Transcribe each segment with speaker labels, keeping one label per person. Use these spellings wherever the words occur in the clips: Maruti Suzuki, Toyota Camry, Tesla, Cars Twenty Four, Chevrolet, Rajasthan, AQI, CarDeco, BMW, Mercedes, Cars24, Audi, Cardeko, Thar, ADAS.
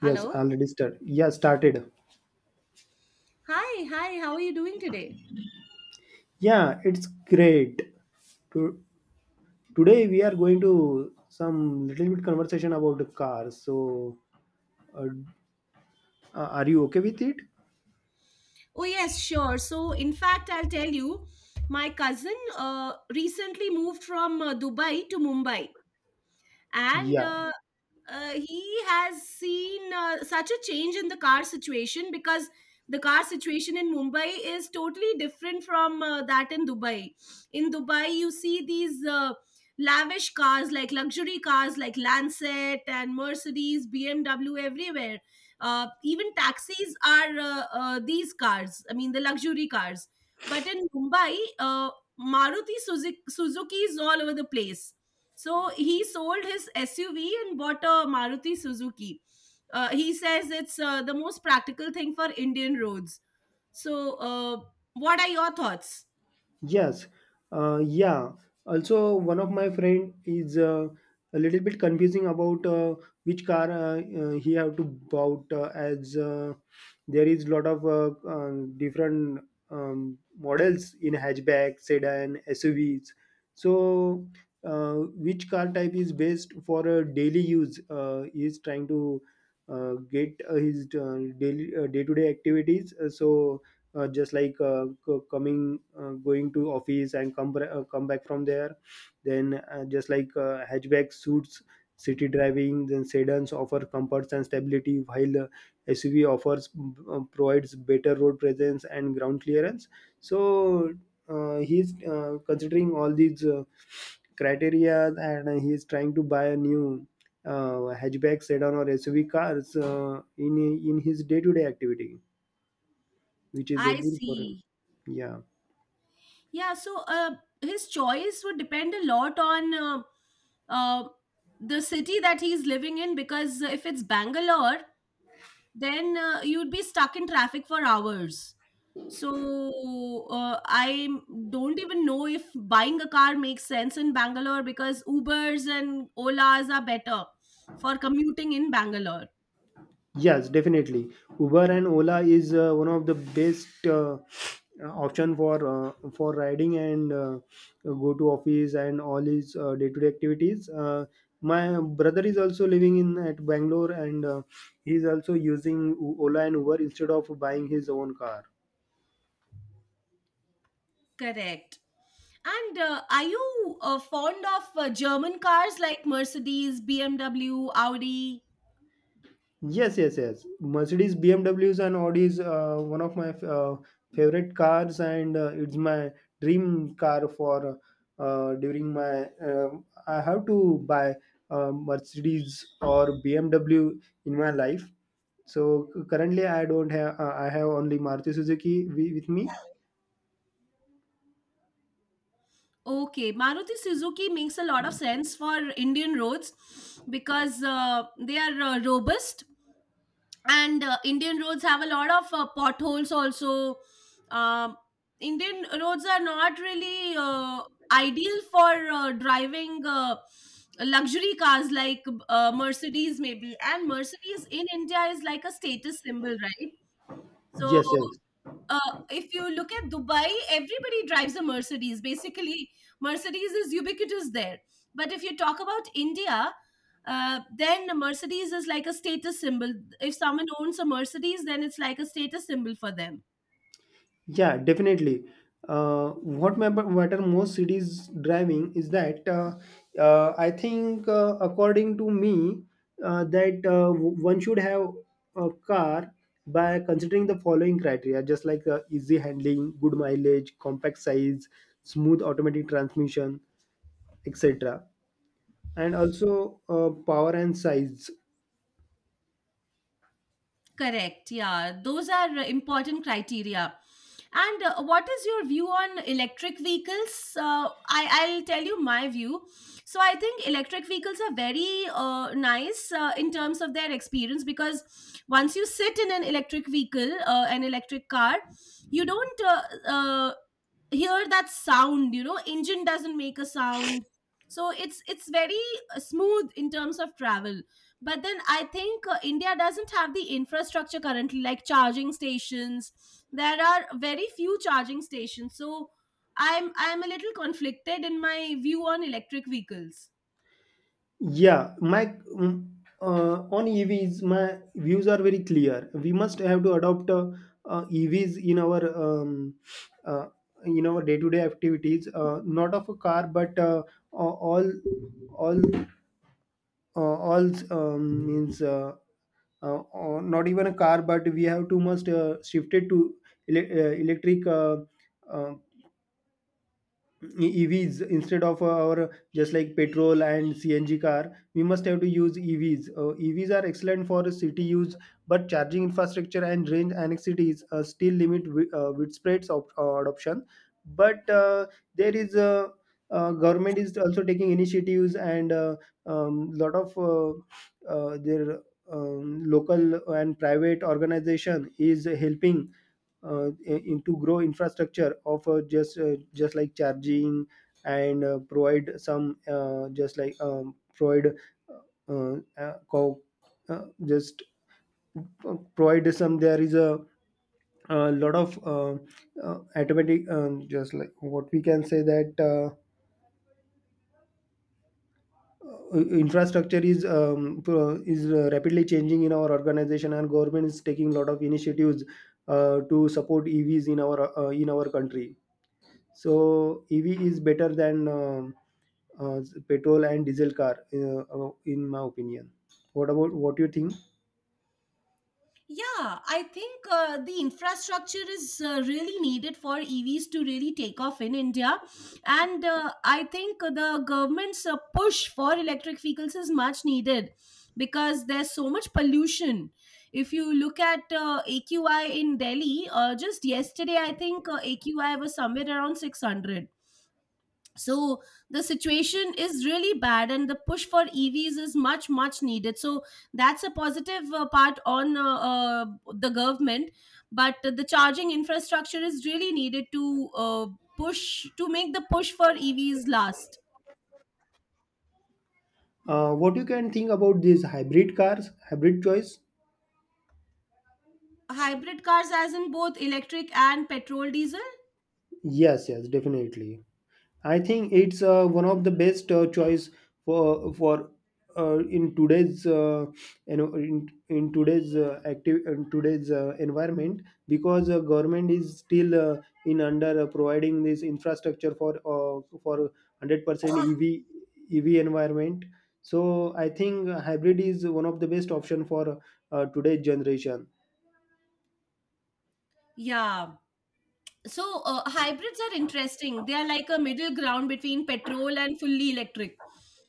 Speaker 1: Yes,
Speaker 2: Hello.
Speaker 1: already started. Yeah, started.
Speaker 2: Hi, hi, how are you doing today?
Speaker 1: Yeah, it's great. To, Today we are going to some little bit conversation about the cars. So, uh, are you okay with it?
Speaker 2: Oh, yes, sure. So, in fact, I'll tell you, my cousin recently moved from Dubai to Mumbai. And
Speaker 1: Yeah.
Speaker 2: uh, uh, he has seen such a change in the car situation because the car situation in Mumbai is totally different from that in Dubai. In Dubai, you see these lavish cars, like luxury cars, like Lancet and Mercedes, BMW everywhere. Even taxis are these cars. I mean, the luxury cars. But in Mumbai, Maruti Suzuki, Suzuki is all over the place, so he sold his SUV and bought a Maruti Suzuki. He says it's the most practical thing for Indian roads. So, what are your thoughts?
Speaker 1: Yes, yeah. Also, one of my friend is a little bit confusing about which car he have to bought as there is lot of different models in hatchback, sedan, SUVs. So, which car type is best for a daily use? He is trying to get his daily day-to-day activities. So just like coming, going to office and come come back from there, then just like hatchback suits city driving, then sedans offer comforts and stability, while suv offers provides better road presence and ground clearance. So he's considering all these criteria, and he's trying to buy a new hatchback, sedan, or SUV cars in his day-to-day activity, which is
Speaker 2: I
Speaker 1: helpful for him.
Speaker 2: see.
Speaker 1: Yeah.
Speaker 2: Yeah, so his choice would depend a lot on uh, the city that he's living in, because if it's Bangalore, then you'd be stuck in traffic for hours. So I don't even know if buying a car makes sense in Bangalore, because Ubers and Olas are better for commuting in Bangalore.
Speaker 1: Yes, definitely. Uber and Ola is one of the best option for riding and go to office and all his day-to-day activities. My brother is also living in at Bangalore, and he is also using Ola and Uber instead of buying his own car.
Speaker 2: Correct. And are you fond of German cars like Mercedes, BMW, Audi?
Speaker 1: Yes, yes, yes. Mercedes, BMWs, and Audis, one of my favorite cars, and it's my dream car for during my. I have to buy Mercedes or BMW in my life. So currently, I don't have. I have only Maruti Suzuki with me.
Speaker 2: Okay, Maruti Suzuki makes a lot of sense for Indian roads because they are robust, and indian roads have a lot of potholes also. um, Indian roads are not really ideal for driving luxury cars like mercedes maybe, and mercedes in india is like a status symbol, right? So
Speaker 1: Yes, yes.
Speaker 2: if you look at Dubai, everybody drives a Mercedes. Basically, Mercedes is ubiquitous there. But if you talk about India, then a Mercedes is like a status symbol. If someone owns a Mercedes, then it's like a status symbol for them.
Speaker 1: Yeah, definitely. What matter most cities driving is that I think, according to me, that one should have a car by considering the following criteria, just like easy handling, good mileage, compact size, smooth automatic transmission, etc. And also power and size.
Speaker 2: Correct. Yeah, those are important criteria. And what is your view on electric vehicles? I'll tell you my view. So, I think electric vehicles are very nice in terms of their experience, because once you sit in an electric vehicle, an electric car, you don't uh, hear that sound. Engine doesn't make a sound, so it's very smooth in terms of travel. But then I think india doesn't have the infrastructure currently, like charging stations. There are very few charging stations, so I'm a little conflicted in my view on electric vehicles.
Speaker 1: Yeah, mm, on EVs, my views are very clear. We must have to adopt EVs um, uh, in our day-to-day activities, not of a car, but a- all all means not even a car, but we have to must shift it to electric uh, EVs instead of our just like petrol and CNG car, we must have to use EVs. EVs are excellent for city use, but charging infrastructure and range annexities still limit widespread adoption. But there is a government is also taking initiatives, and a lot of their local and private organization is helping uh, in to grow infrastructure of just like charging and provide some just like provide co- just provide some. There is a lot of automatic just like what we can say, that infrastructure is rapidly changing in our organization, and government is taking a lot of initiatives to support EVs in our country. So EV is better than uh, petrol and diesel car, in my opinion. What about, what you think,
Speaker 2: Yeah, I think the infrastructure is really needed for EVs to really take off in India. And I think the government's push for electric vehicles is much needed, because there's so much pollution. If you look at AQI in Delhi, just yesterday, I think AQI was somewhere around 600. So the situation is really bad, and the push for EVs is much much needed. So that's a positive part on the government. But the charging infrastructure is really needed to push, to make the push for evs last.
Speaker 1: what you can think about these hybrid cars, hybrid choice?
Speaker 2: Hybrid cars, as in both electric and petrol diesel?
Speaker 1: Yes, yes, definitely. I think it's one of the best choice for in today's, in today's active in today's environment, because government is still in under providing this infrastructure for 100% EV environment. So I think hybrid is one of the best option for today's generation.
Speaker 2: Yeah. So hybrids are interesting. They are like a middle ground between petrol and fully electric.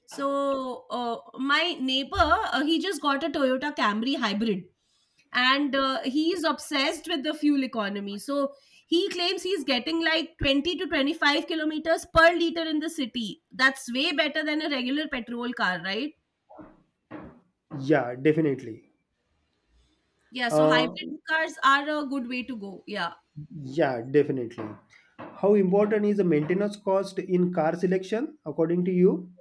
Speaker 2: So my neighbor, he just got a Toyota Camry hybrid, and he is obsessed with the fuel economy. So he claims he's getting like 20 to 25 kilometers per liter in the city. That's way better than a regular petrol car, right?
Speaker 1: Yeah, definitely.
Speaker 2: Yeah. So hybrid
Speaker 1: Uh,
Speaker 2: cars are a good way to go. Yeah.
Speaker 1: Yeah, definitely. How important is the maintenance cost in car selection, according to you?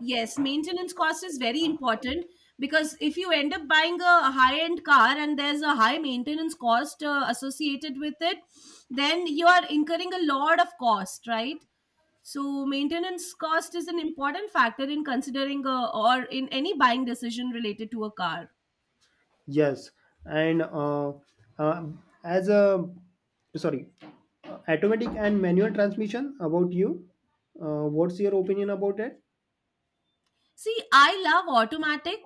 Speaker 2: Yes, maintenance cost is very important, because if you end up buying a high-end car and there's a high maintenance cost associated with it, then you are incurring a lot of cost, right? So maintenance cost is an important factor in considering a, or in any buying decision related to a car.
Speaker 1: Yes, and uh, as a sorry, automatic and manual transmission. About you, what's your opinion about it?
Speaker 2: See, I love automatic.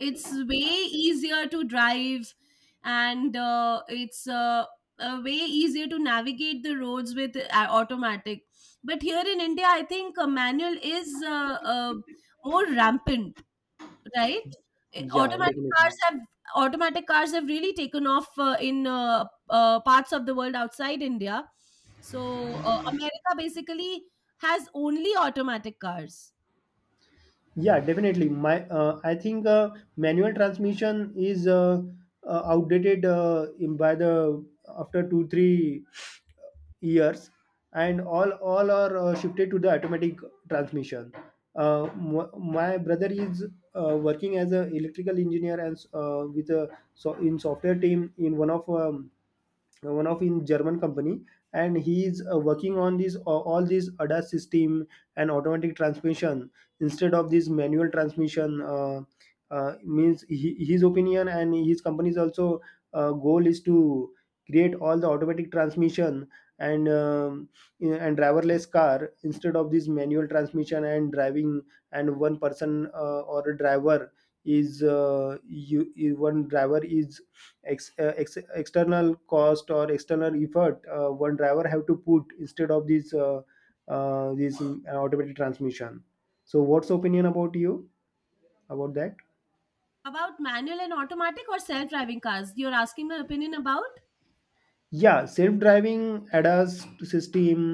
Speaker 2: It's way easier to drive, and it's way easier to navigate the roads with automatic. But here in India, I think manual is more rampant, right? Eh,
Speaker 1: Yeah,
Speaker 2: Automatic cars
Speaker 1: definitely.
Speaker 2: have automatic cars have really taken off in parts of the world outside India. So America basically has only automatic cars.
Speaker 1: Yeah, definitely. My, I think manual transmission is outdated in by the after 2-3 years, and all are shifted to the automatic transmission. My brother is working as an electrical engineer, and with a so in software team in one of in german company, and he is working on this all this ADAS system and automatic transmission instead of this manual transmission, means he, his opinion and his company's also goal is to create all the automatic transmission and um, and driverless car instead of this manual transmission and driving, and one person or a driver is one driver is ex, external cost or external effort, one driver have to put instead of this this automated transmission. So what's opinion about you about that,
Speaker 2: About manual and automatic, or self driving cars? You're asking my opinion about?
Speaker 1: yeah, self-driving ADAS system,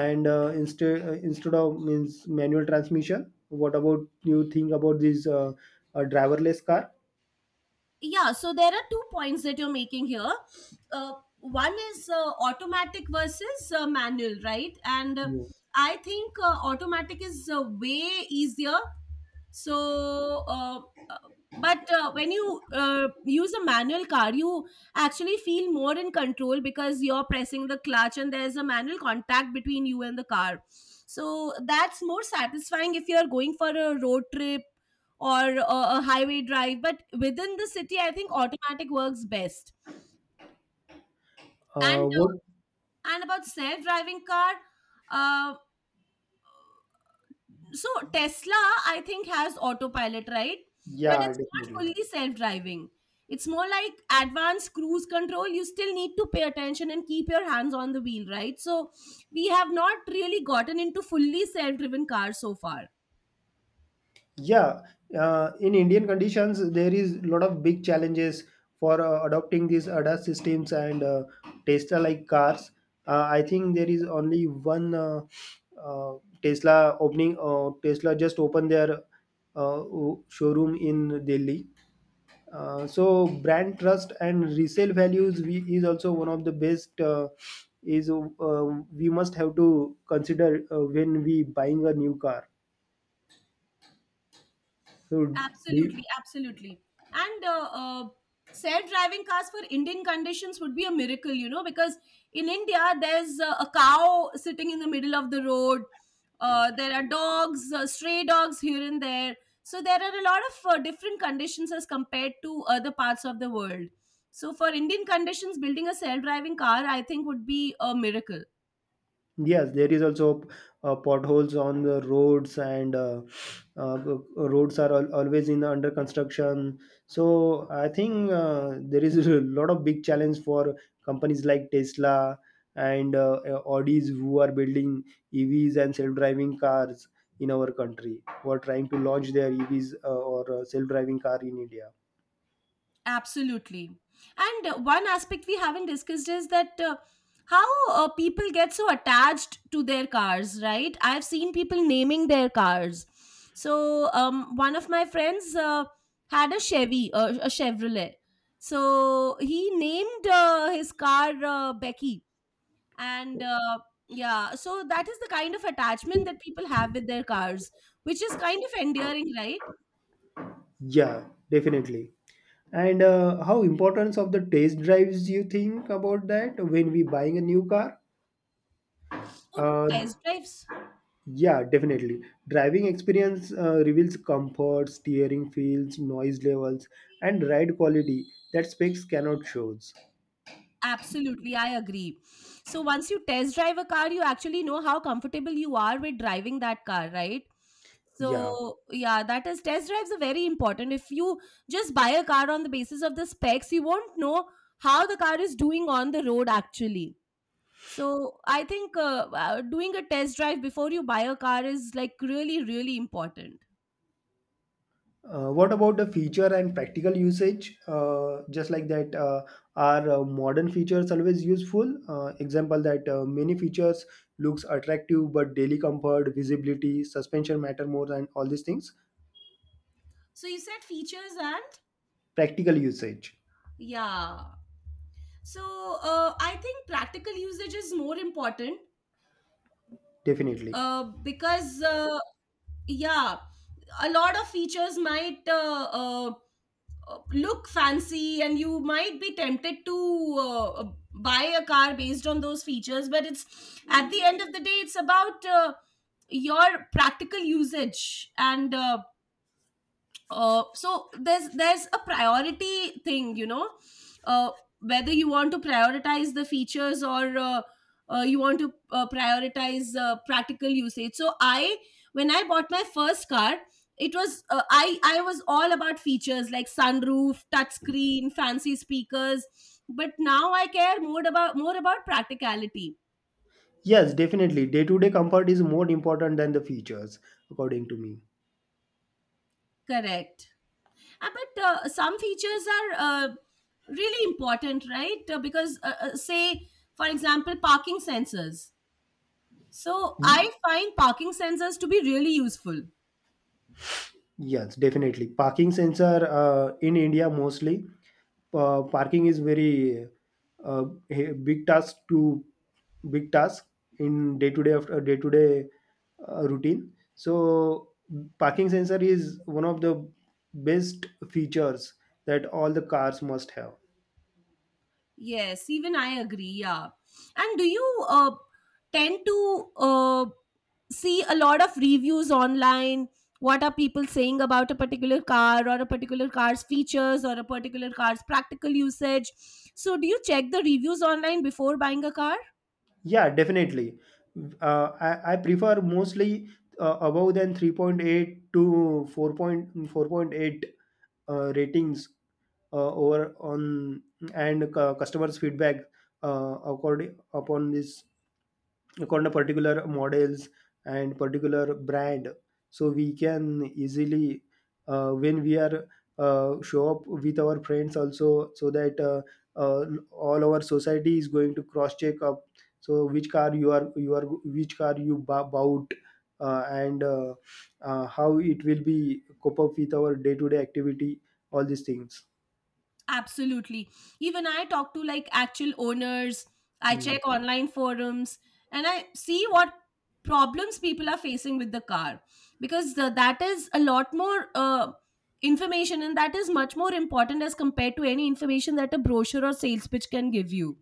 Speaker 1: and instead of means manual transmission, what about you think about this driverless car?
Speaker 2: Yeah, so there are two points that you're making here. Uh, One is automatic versus manual, right? And
Speaker 1: Yeah.
Speaker 2: I think automatic is way easier. So, uh, but when you use a manual car, you actually feel more in control, because you're pressing the clutch and there's a manual contact between you and the car. So, that's more satisfying if you're going for a road trip, or a, a highway drive. But within the city, I think automatic works best. And
Speaker 1: What
Speaker 2: uh, and about self driving car, uh, so Tesla, I think, has autopilot, right? But
Speaker 1: Yeah,
Speaker 2: it's not
Speaker 1: definitely.
Speaker 2: fully self-driving. It's more like advanced cruise control. You still need to pay attention and keep your hands on the wheel, right? So we have not really gotten into fully self-driven cars so far.
Speaker 1: Yeah, in Indian conditions, there is a lot of big challenges for adopting these ADAS systems and Tesla-like cars. I think there is only one uh, Tesla opening. Tesla just opened their uh, showroom in Delhi. So brand trust and resale values we, is also one of the best. Is we must have to consider when we buying a new car. So do you.
Speaker 2: Absolutely, absolutely. And self-driving cars for Indian conditions would be a miracle, because in India there's a cow sitting in the middle of the road. There are dogs, stray dogs here and there. So there are a lot of different conditions as compared to other parts of the world. So for Indian conditions, building a self-driving car, I think, would be a miracle.
Speaker 1: Yes, there is also potholes on the roads, and uh, roads are always in under construction. So I think there is a lot of big challenge for companies like Tesla and Audis who are building EVs and self-driving cars in our country, who are trying to launch their EVs or self-driving car in India.
Speaker 2: Absolutely. And one aspect we haven't discussed is that how people get so attached to their cars, right? I've seen people naming their cars. So one of my friends had a Chevy, a Chevrolet. So he named his car Becky. And yeah, so that is the kind of attachment that people have with their cars, which is kind of endearing, right?
Speaker 1: Yeah, definitely. And how importance of the test drives you think about that when we buying a new car?
Speaker 2: Oh,
Speaker 1: Uh,
Speaker 2: test drives.
Speaker 1: yeah, definitely. Driving experience reveals comfort, steering feels, noise levels, and ride quality that specs cannot shows.
Speaker 2: Absolutely, I agree. So once you test drive a car, you actually know how comfortable you are with driving that car, right?
Speaker 1: Yeah.
Speaker 2: So yeah, that is, test drives are very important. If you just buy a car on the basis of the specs, you won't know how the car is doing on the road actually. So I think doing a test drive before you buy a car is like really really important.
Speaker 1: What about the feature and practical usage? Just like that, are modern features always useful? Example that many features looks attractive, but daily comfort, visibility, suspension matter more, and all these things.
Speaker 2: So you said features and,
Speaker 1: Practical usage,
Speaker 2: yeah. So I think practical usage is more important,
Speaker 1: definitely.
Speaker 2: because yeah, a lot of features might look fancy, and you might be tempted to buy a car based on those features. But it's at the end of the day it's about your practical usage. And so there's a priority thing you know uh, whether you want to prioritize the features, or you want to prioritize practical usage. So i when i bought my first car, it was I was all about features, like sunroof, touchscreen, fancy speakers. But now I care more about practicality.
Speaker 1: Yes, definitely. Day to day comfort is more important than the features, according to me.
Speaker 2: Correct. But some features are really important, right? Because, say, for example, parking sensors. So I find parking sensors to be really useful.
Speaker 1: Yes, definitely. Parking sensor in India mostly. Parking is very uh, a big task in day to day after day to day routine. So parking sensor is one of the best features that all the cars must have.
Speaker 2: Yes, even I agree. Yeah. And do you tend to see a lot of reviews online? What are people saying about a particular car, or a particular car's features, or a particular car's practical usage? So, do you check the reviews online before buying a car?
Speaker 1: Yeah, definitely. I prefer mostly above than 3.8 to 4.4.8 ratings over on and customers feedback according upon this according the particular models and particular brand, so we can easily when we are show up with our friends also, so that uh, all our society is going to cross check up, so which car you are which car you bu- bought, and how it will be cope up with our day to day activity, all these things.
Speaker 2: Absolutely. Even I talk to, like, actual owners. I
Speaker 1: Hmm.
Speaker 2: check online forums, and I see what problems people are facing with the car, because that is a lot more information, and that is much more important as compared to any information that a brochure or sales pitch can give you.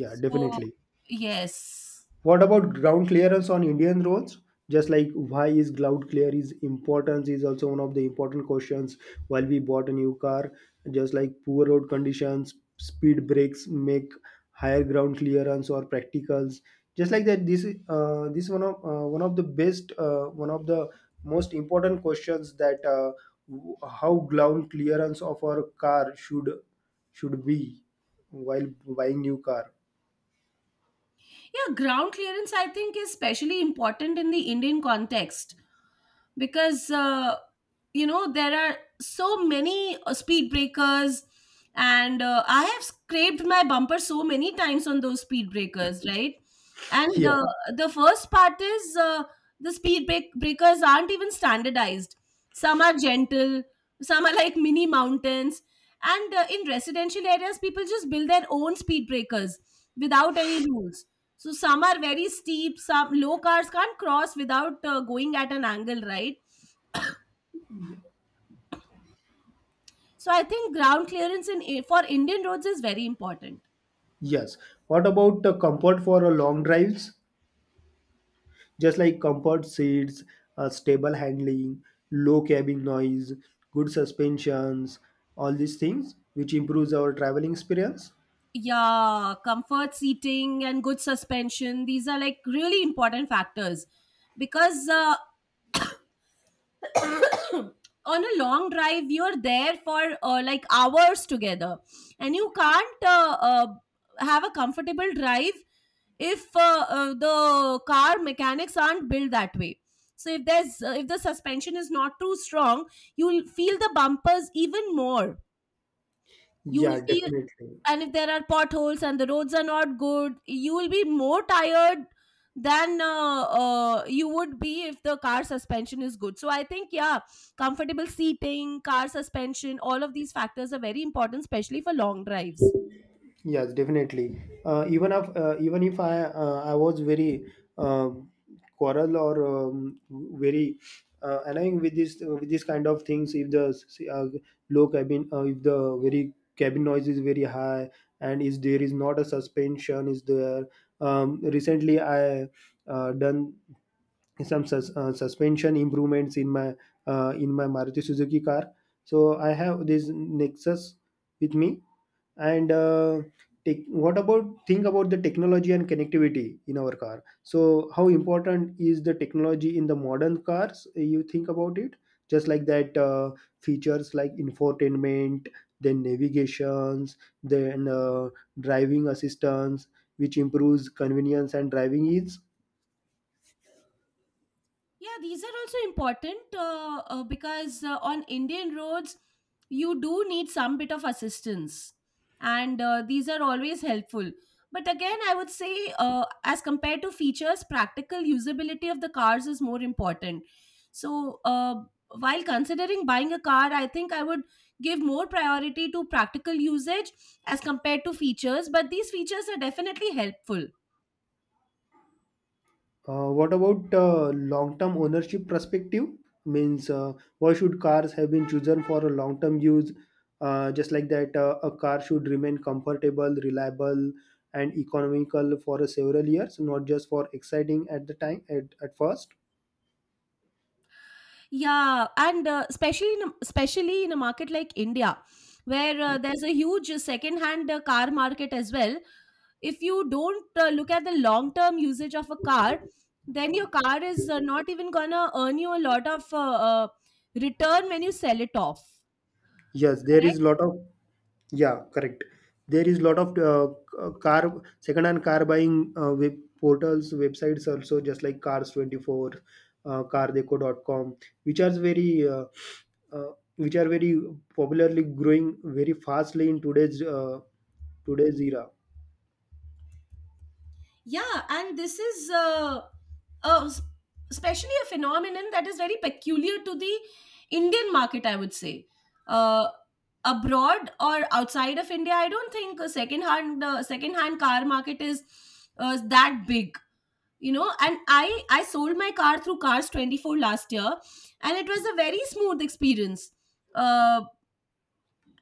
Speaker 1: Yeah,
Speaker 2: So,
Speaker 1: definitely.
Speaker 2: yes.
Speaker 1: What about ground clearance on Indian roads? Just like why is ground clear is important is also one of the important questions while we bought a new car. Just like poor road conditions, speed breaks make higher ground clearance or practicals. Just like that, this one of the best, one of the most important questions that how ground clearance of our car should be while buying new car.
Speaker 2: Yeah, ground clearance, I think, is especially important in the Indian context, because there are so many speed breakers. And I have scraped my bumper so many times on those speed breakers, right? And
Speaker 1: Yeah.
Speaker 2: the first part is the speed breakers aren't even standardized. Some are gentle, some are like mini mountains. And in residential areas, people just build their own speed breakers without any rules. So some are very steep, some low cars can't cross without going at an angle, right? So I think ground clearance for Indian roads is very important.
Speaker 1: Yes. What about the comfort for long drives? Just like comfort seats, stable handling, low cabin noise, good suspensions, all these things which improves our traveling experience.
Speaker 2: Yeah, comfort seating and good suspension, these are like really important factors, because on a long drive you're there for like hours together, and you can't have a comfortable drive if the car mechanics aren't built that way. So if there's if the suspension is not too strong, you'll feel the bumpers even more. You will
Speaker 1: Yeah,
Speaker 2: feel,
Speaker 1: definitely.
Speaker 2: and if there are potholes and the roads are not good, you will be more tired than you would be if the car suspension is good. So I think, yeah, comfortable seating, car suspension, all of these factors are very important, especially for long drives.
Speaker 1: Yes, definitely. Even if I I was very um quarrel or very annoying with this kind of things. If the low cabin, if the very cabin noise is very high, and is there is not a suspension is there. Recently, I done some suspension improvements in my Maruti Suzuki car. So I have this Nexus with me, and take, what about think about the technology and connectivity in our car? So how important is the technology in the modern cars, you think about it? Just like that, features like infotainment, then navigations, then driving assistance, which improves convenience and driving ease.
Speaker 2: Yeah, these are also important, because on Indian roads, you do need some bit of assistance, and these are always helpful. But again, I would say, as compared to features, practical usability of the cars is more important. So, while considering buying a car, I think I would give more priority to practical usage as compared to features, but these features are definitely helpful.
Speaker 1: What about long-term ownership perspective? Means, why should cars have been chosen for a long-term use? Just like that, a car should remain comfortable, reliable, and economical for several years, not just for exciting at the time at first.
Speaker 2: Yeah, and especially in a market like India, where there's a huge second-hand car market as well. If you don't look at the long-term usage of a car, then your car is not even gonna earn you a lot of return when you sell it off.
Speaker 1: Yes, there
Speaker 2: Correct?
Speaker 1: is lot of. Yeah, correct. There is lot of car second-hand car buying web portals, websites also, just like Cars24, CarDeco.com, which are very uh, uh, which are very popularly growing very fastly in today's today's era.
Speaker 2: Yeah, and this is uh, s- especially a phenomenon that is very peculiar to the Indian market, I would say. Uh, Abroad or outside of India, I don't think a second-hand car market is that big. You know, and I sold my car through Cars 24 last year, and it was a very smooth experience. Uh,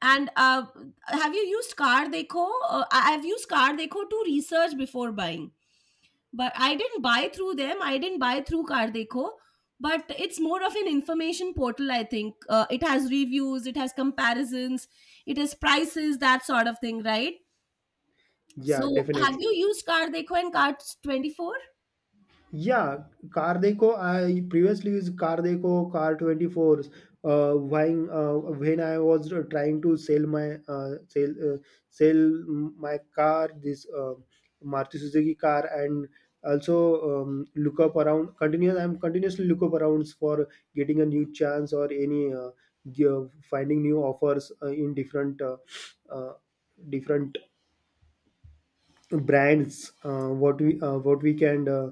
Speaker 2: and Have you used Car Deco? I've used Car Deco to research before buying, but I didn't buy through them. I didn't buy through Cardeko, but it's more of an information portal. I think it has reviews, it has comparisons, it has prices, that sort of thing, right?
Speaker 1: Yeah,
Speaker 2: So, have you
Speaker 1: definitely.
Speaker 2: used Cardeko and Cards 24?
Speaker 1: Yeah, Car Deco. I previously used Car Deco, Car 24. When I was trying to sell my sell my car, this Maruti Suzuki car, and also look up around. Continuous, I'm continuously look up arounds for getting a new chance or any finding new offers in different uh, different brands, what we can uh,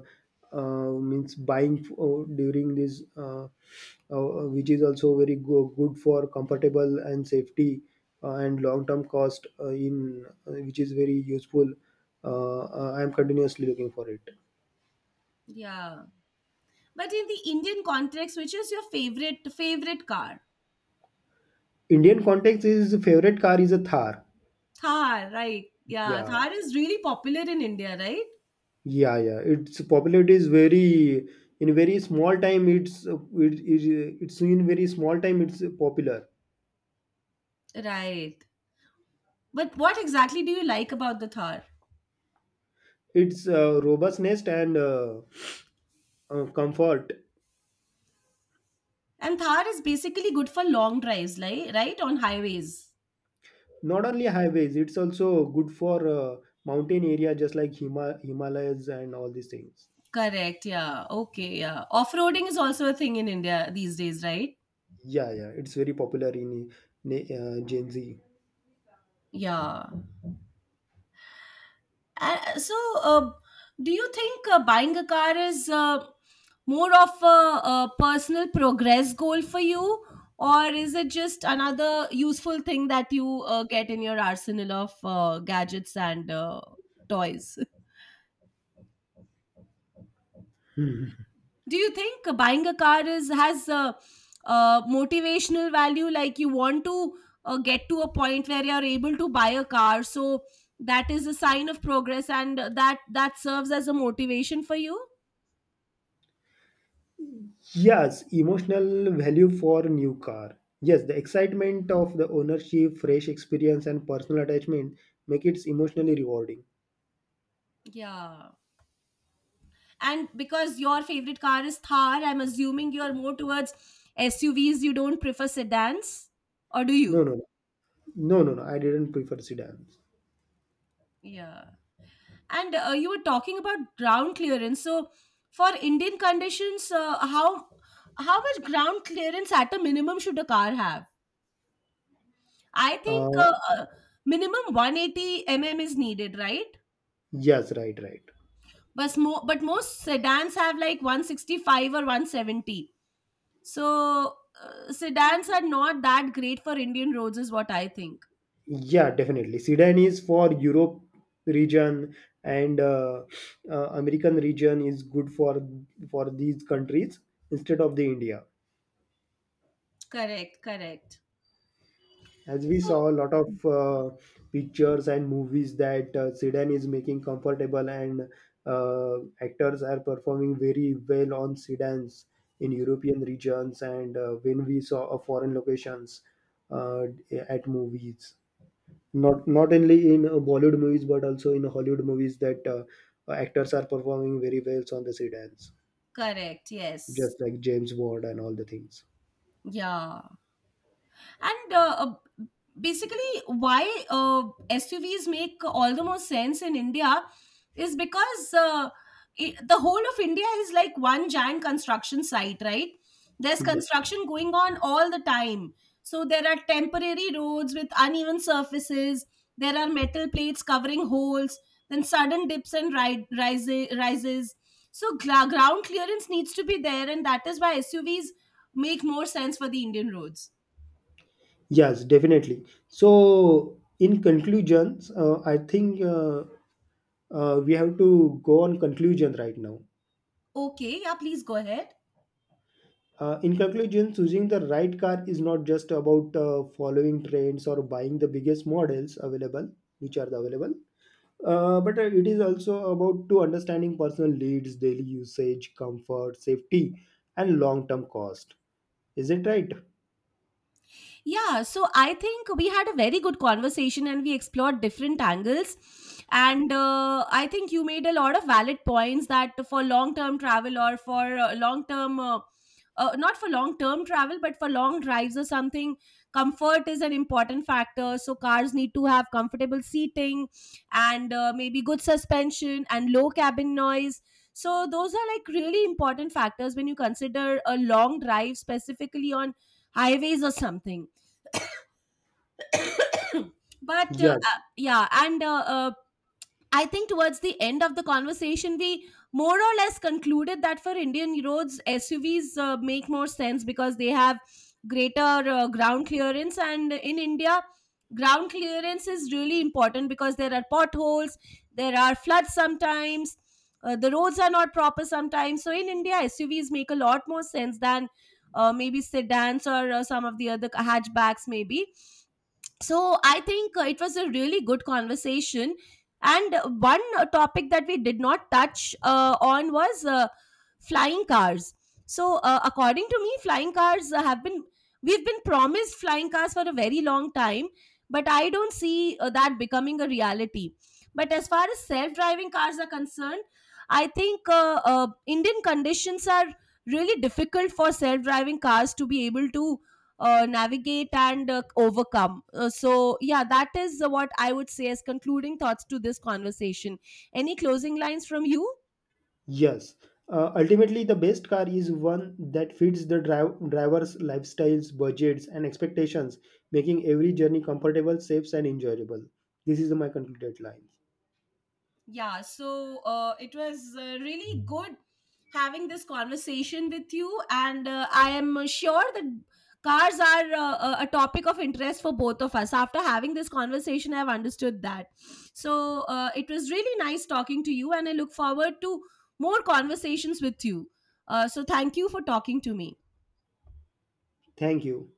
Speaker 1: uh, means buying for, during this which is also very good for comfortable and safety and long term cost in which is very useful, I am continuously looking for it.
Speaker 2: Yeah, but in the Indian context, which is your favorite car?
Speaker 1: Indian context is favorite car is a Thar.
Speaker 2: Thar, right? Yeah,
Speaker 1: Yeah,
Speaker 2: Thar is really popular in India, right?
Speaker 1: yeah, yeah, its popularity is very in very small time, it's in very small time it's popular.
Speaker 2: Right. But what exactly do you like about the Thar?
Speaker 1: Its robustness and comfort.
Speaker 2: And Thar is basically good for long drives, like right on highways.
Speaker 1: Not only highways, it's also good for mountain area, just like Himalayas and all these things.
Speaker 2: Correct. Yeah. Okay. Yeah. Off roading is also a thing in India these days, right?
Speaker 1: Yeah, yeah, it's very popular in Gen Z.
Speaker 2: Yeah. Uh, so, uh, do you think buying a car is more of a personal progress goal for you, or is it just another useful thing that you get in your arsenal of gadgets and toys?
Speaker 1: Mhm.
Speaker 2: Do you think buying a car is has a, motivational value? Like you want to get to a point where you are able to buy a car, so that is a sign of progress, and that serves as a motivation for you.
Speaker 1: Yes, emotional value for new car. Yes, the excitement of the ownership, fresh experience, and personal attachment make it emotionally rewarding.
Speaker 2: Yeah. And because your favorite car is Thar, I'm assuming you are more towards SUVs. You don't prefer sedans, or do
Speaker 1: No,
Speaker 2: you?
Speaker 1: no, no, no, no, no. I didn't prefer sedans.
Speaker 2: Yeah. And you were talking about ground clearance. So for Indian conditions, how much ground clearance at a minimum should a car have? I think
Speaker 1: Uh,
Speaker 2: minimum 180 mm is needed, right?
Speaker 1: yes, right, right.
Speaker 2: But most sedans have like 165 or 170. So sedans are not that great for Indian roads, is what I think.
Speaker 1: Yeah, definitely. Sedan is for Europe region, and American region is good for these countries instead of the India.
Speaker 2: Correct, correct.
Speaker 1: As we
Speaker 2: So
Speaker 1: saw a lot of pictures and movies that sedan is making comfortable and uh, actors are performing very well on sedans in European regions, and when we saw a foreign locations uh, at movies. Not not only in Bollywood movies, but also in Hollywood movies that actors are performing very well on the sedans,
Speaker 2: correct, yes.
Speaker 1: just like James Bond and all the things.
Speaker 2: Yeah. and Basically, why uh, SUVs make all the more sense in India is because I the whole of India is like one giant construction site, right? There's
Speaker 1: Yes,
Speaker 2: construction going on all the time, so there are temporary roads with uneven surfaces, there are metal plates covering holes, then sudden dips and rises. So ground clearance needs to be there, and that is why SUVs make more sense for the Indian roads.
Speaker 1: yes, definitely. So, in conclusions, I think we have to go on conclusion right now.
Speaker 2: Okay, yeah, please go ahead.
Speaker 1: In conclusion, choosing the right car is not just about following trends or buying the biggest models available, which are the available. But it is also about to understanding personal needs, daily usage, comfort, safety, and long-term cost. Is it right?
Speaker 2: Yeah, so I think we had a very good conversation and we explored different angles. And I think you made a lot of valid points, that for long term travel or for not for long term travel, but for long drives or something, comfort is an important factor. So cars need to have comfortable seating and maybe good suspension and low cabin noise. So those are like really important factors when you consider a long drive, specifically on highways or something. but
Speaker 1: Yes,
Speaker 2: yeah and I think towards the end of the conversation we more or less concluded that for Indian roads, SUVs make more sense because they have greater ground clearance, and in India ground clearance is really important because there are potholes, there are floods sometimes, the roads are not proper sometimes. So in India SUVs make a lot more sense than maybe sedans or some of the other hatchbacks maybe. So I think it was a really good conversation, and one topic that we did not touch on was flying cars. So according to me, flying cars have been we've been promised flying cars for a very long time, but I don't see that becoming a reality. But as far as self driving cars are concerned, I think Indian conditions are really difficult for self driving cars to be able to navigate and overcome. Yeah, that is what I would say as concluding thoughts to this conversation. Any closing lines from you?
Speaker 1: yes. Ultimately, the best car is one that fits the driver's lifestyles, budgets, and expectations, making every journey comfortable, safe, and enjoyable. This is my concluded line.
Speaker 2: Yeah, so it was really good having this conversation with you, and I am sure that cars are a topic of interest for both of us. After having this conversation, I've understood that. So it was really nice talking to you, and I look forward to more conversations with you. So thank you for talking to me.
Speaker 1: Thank you.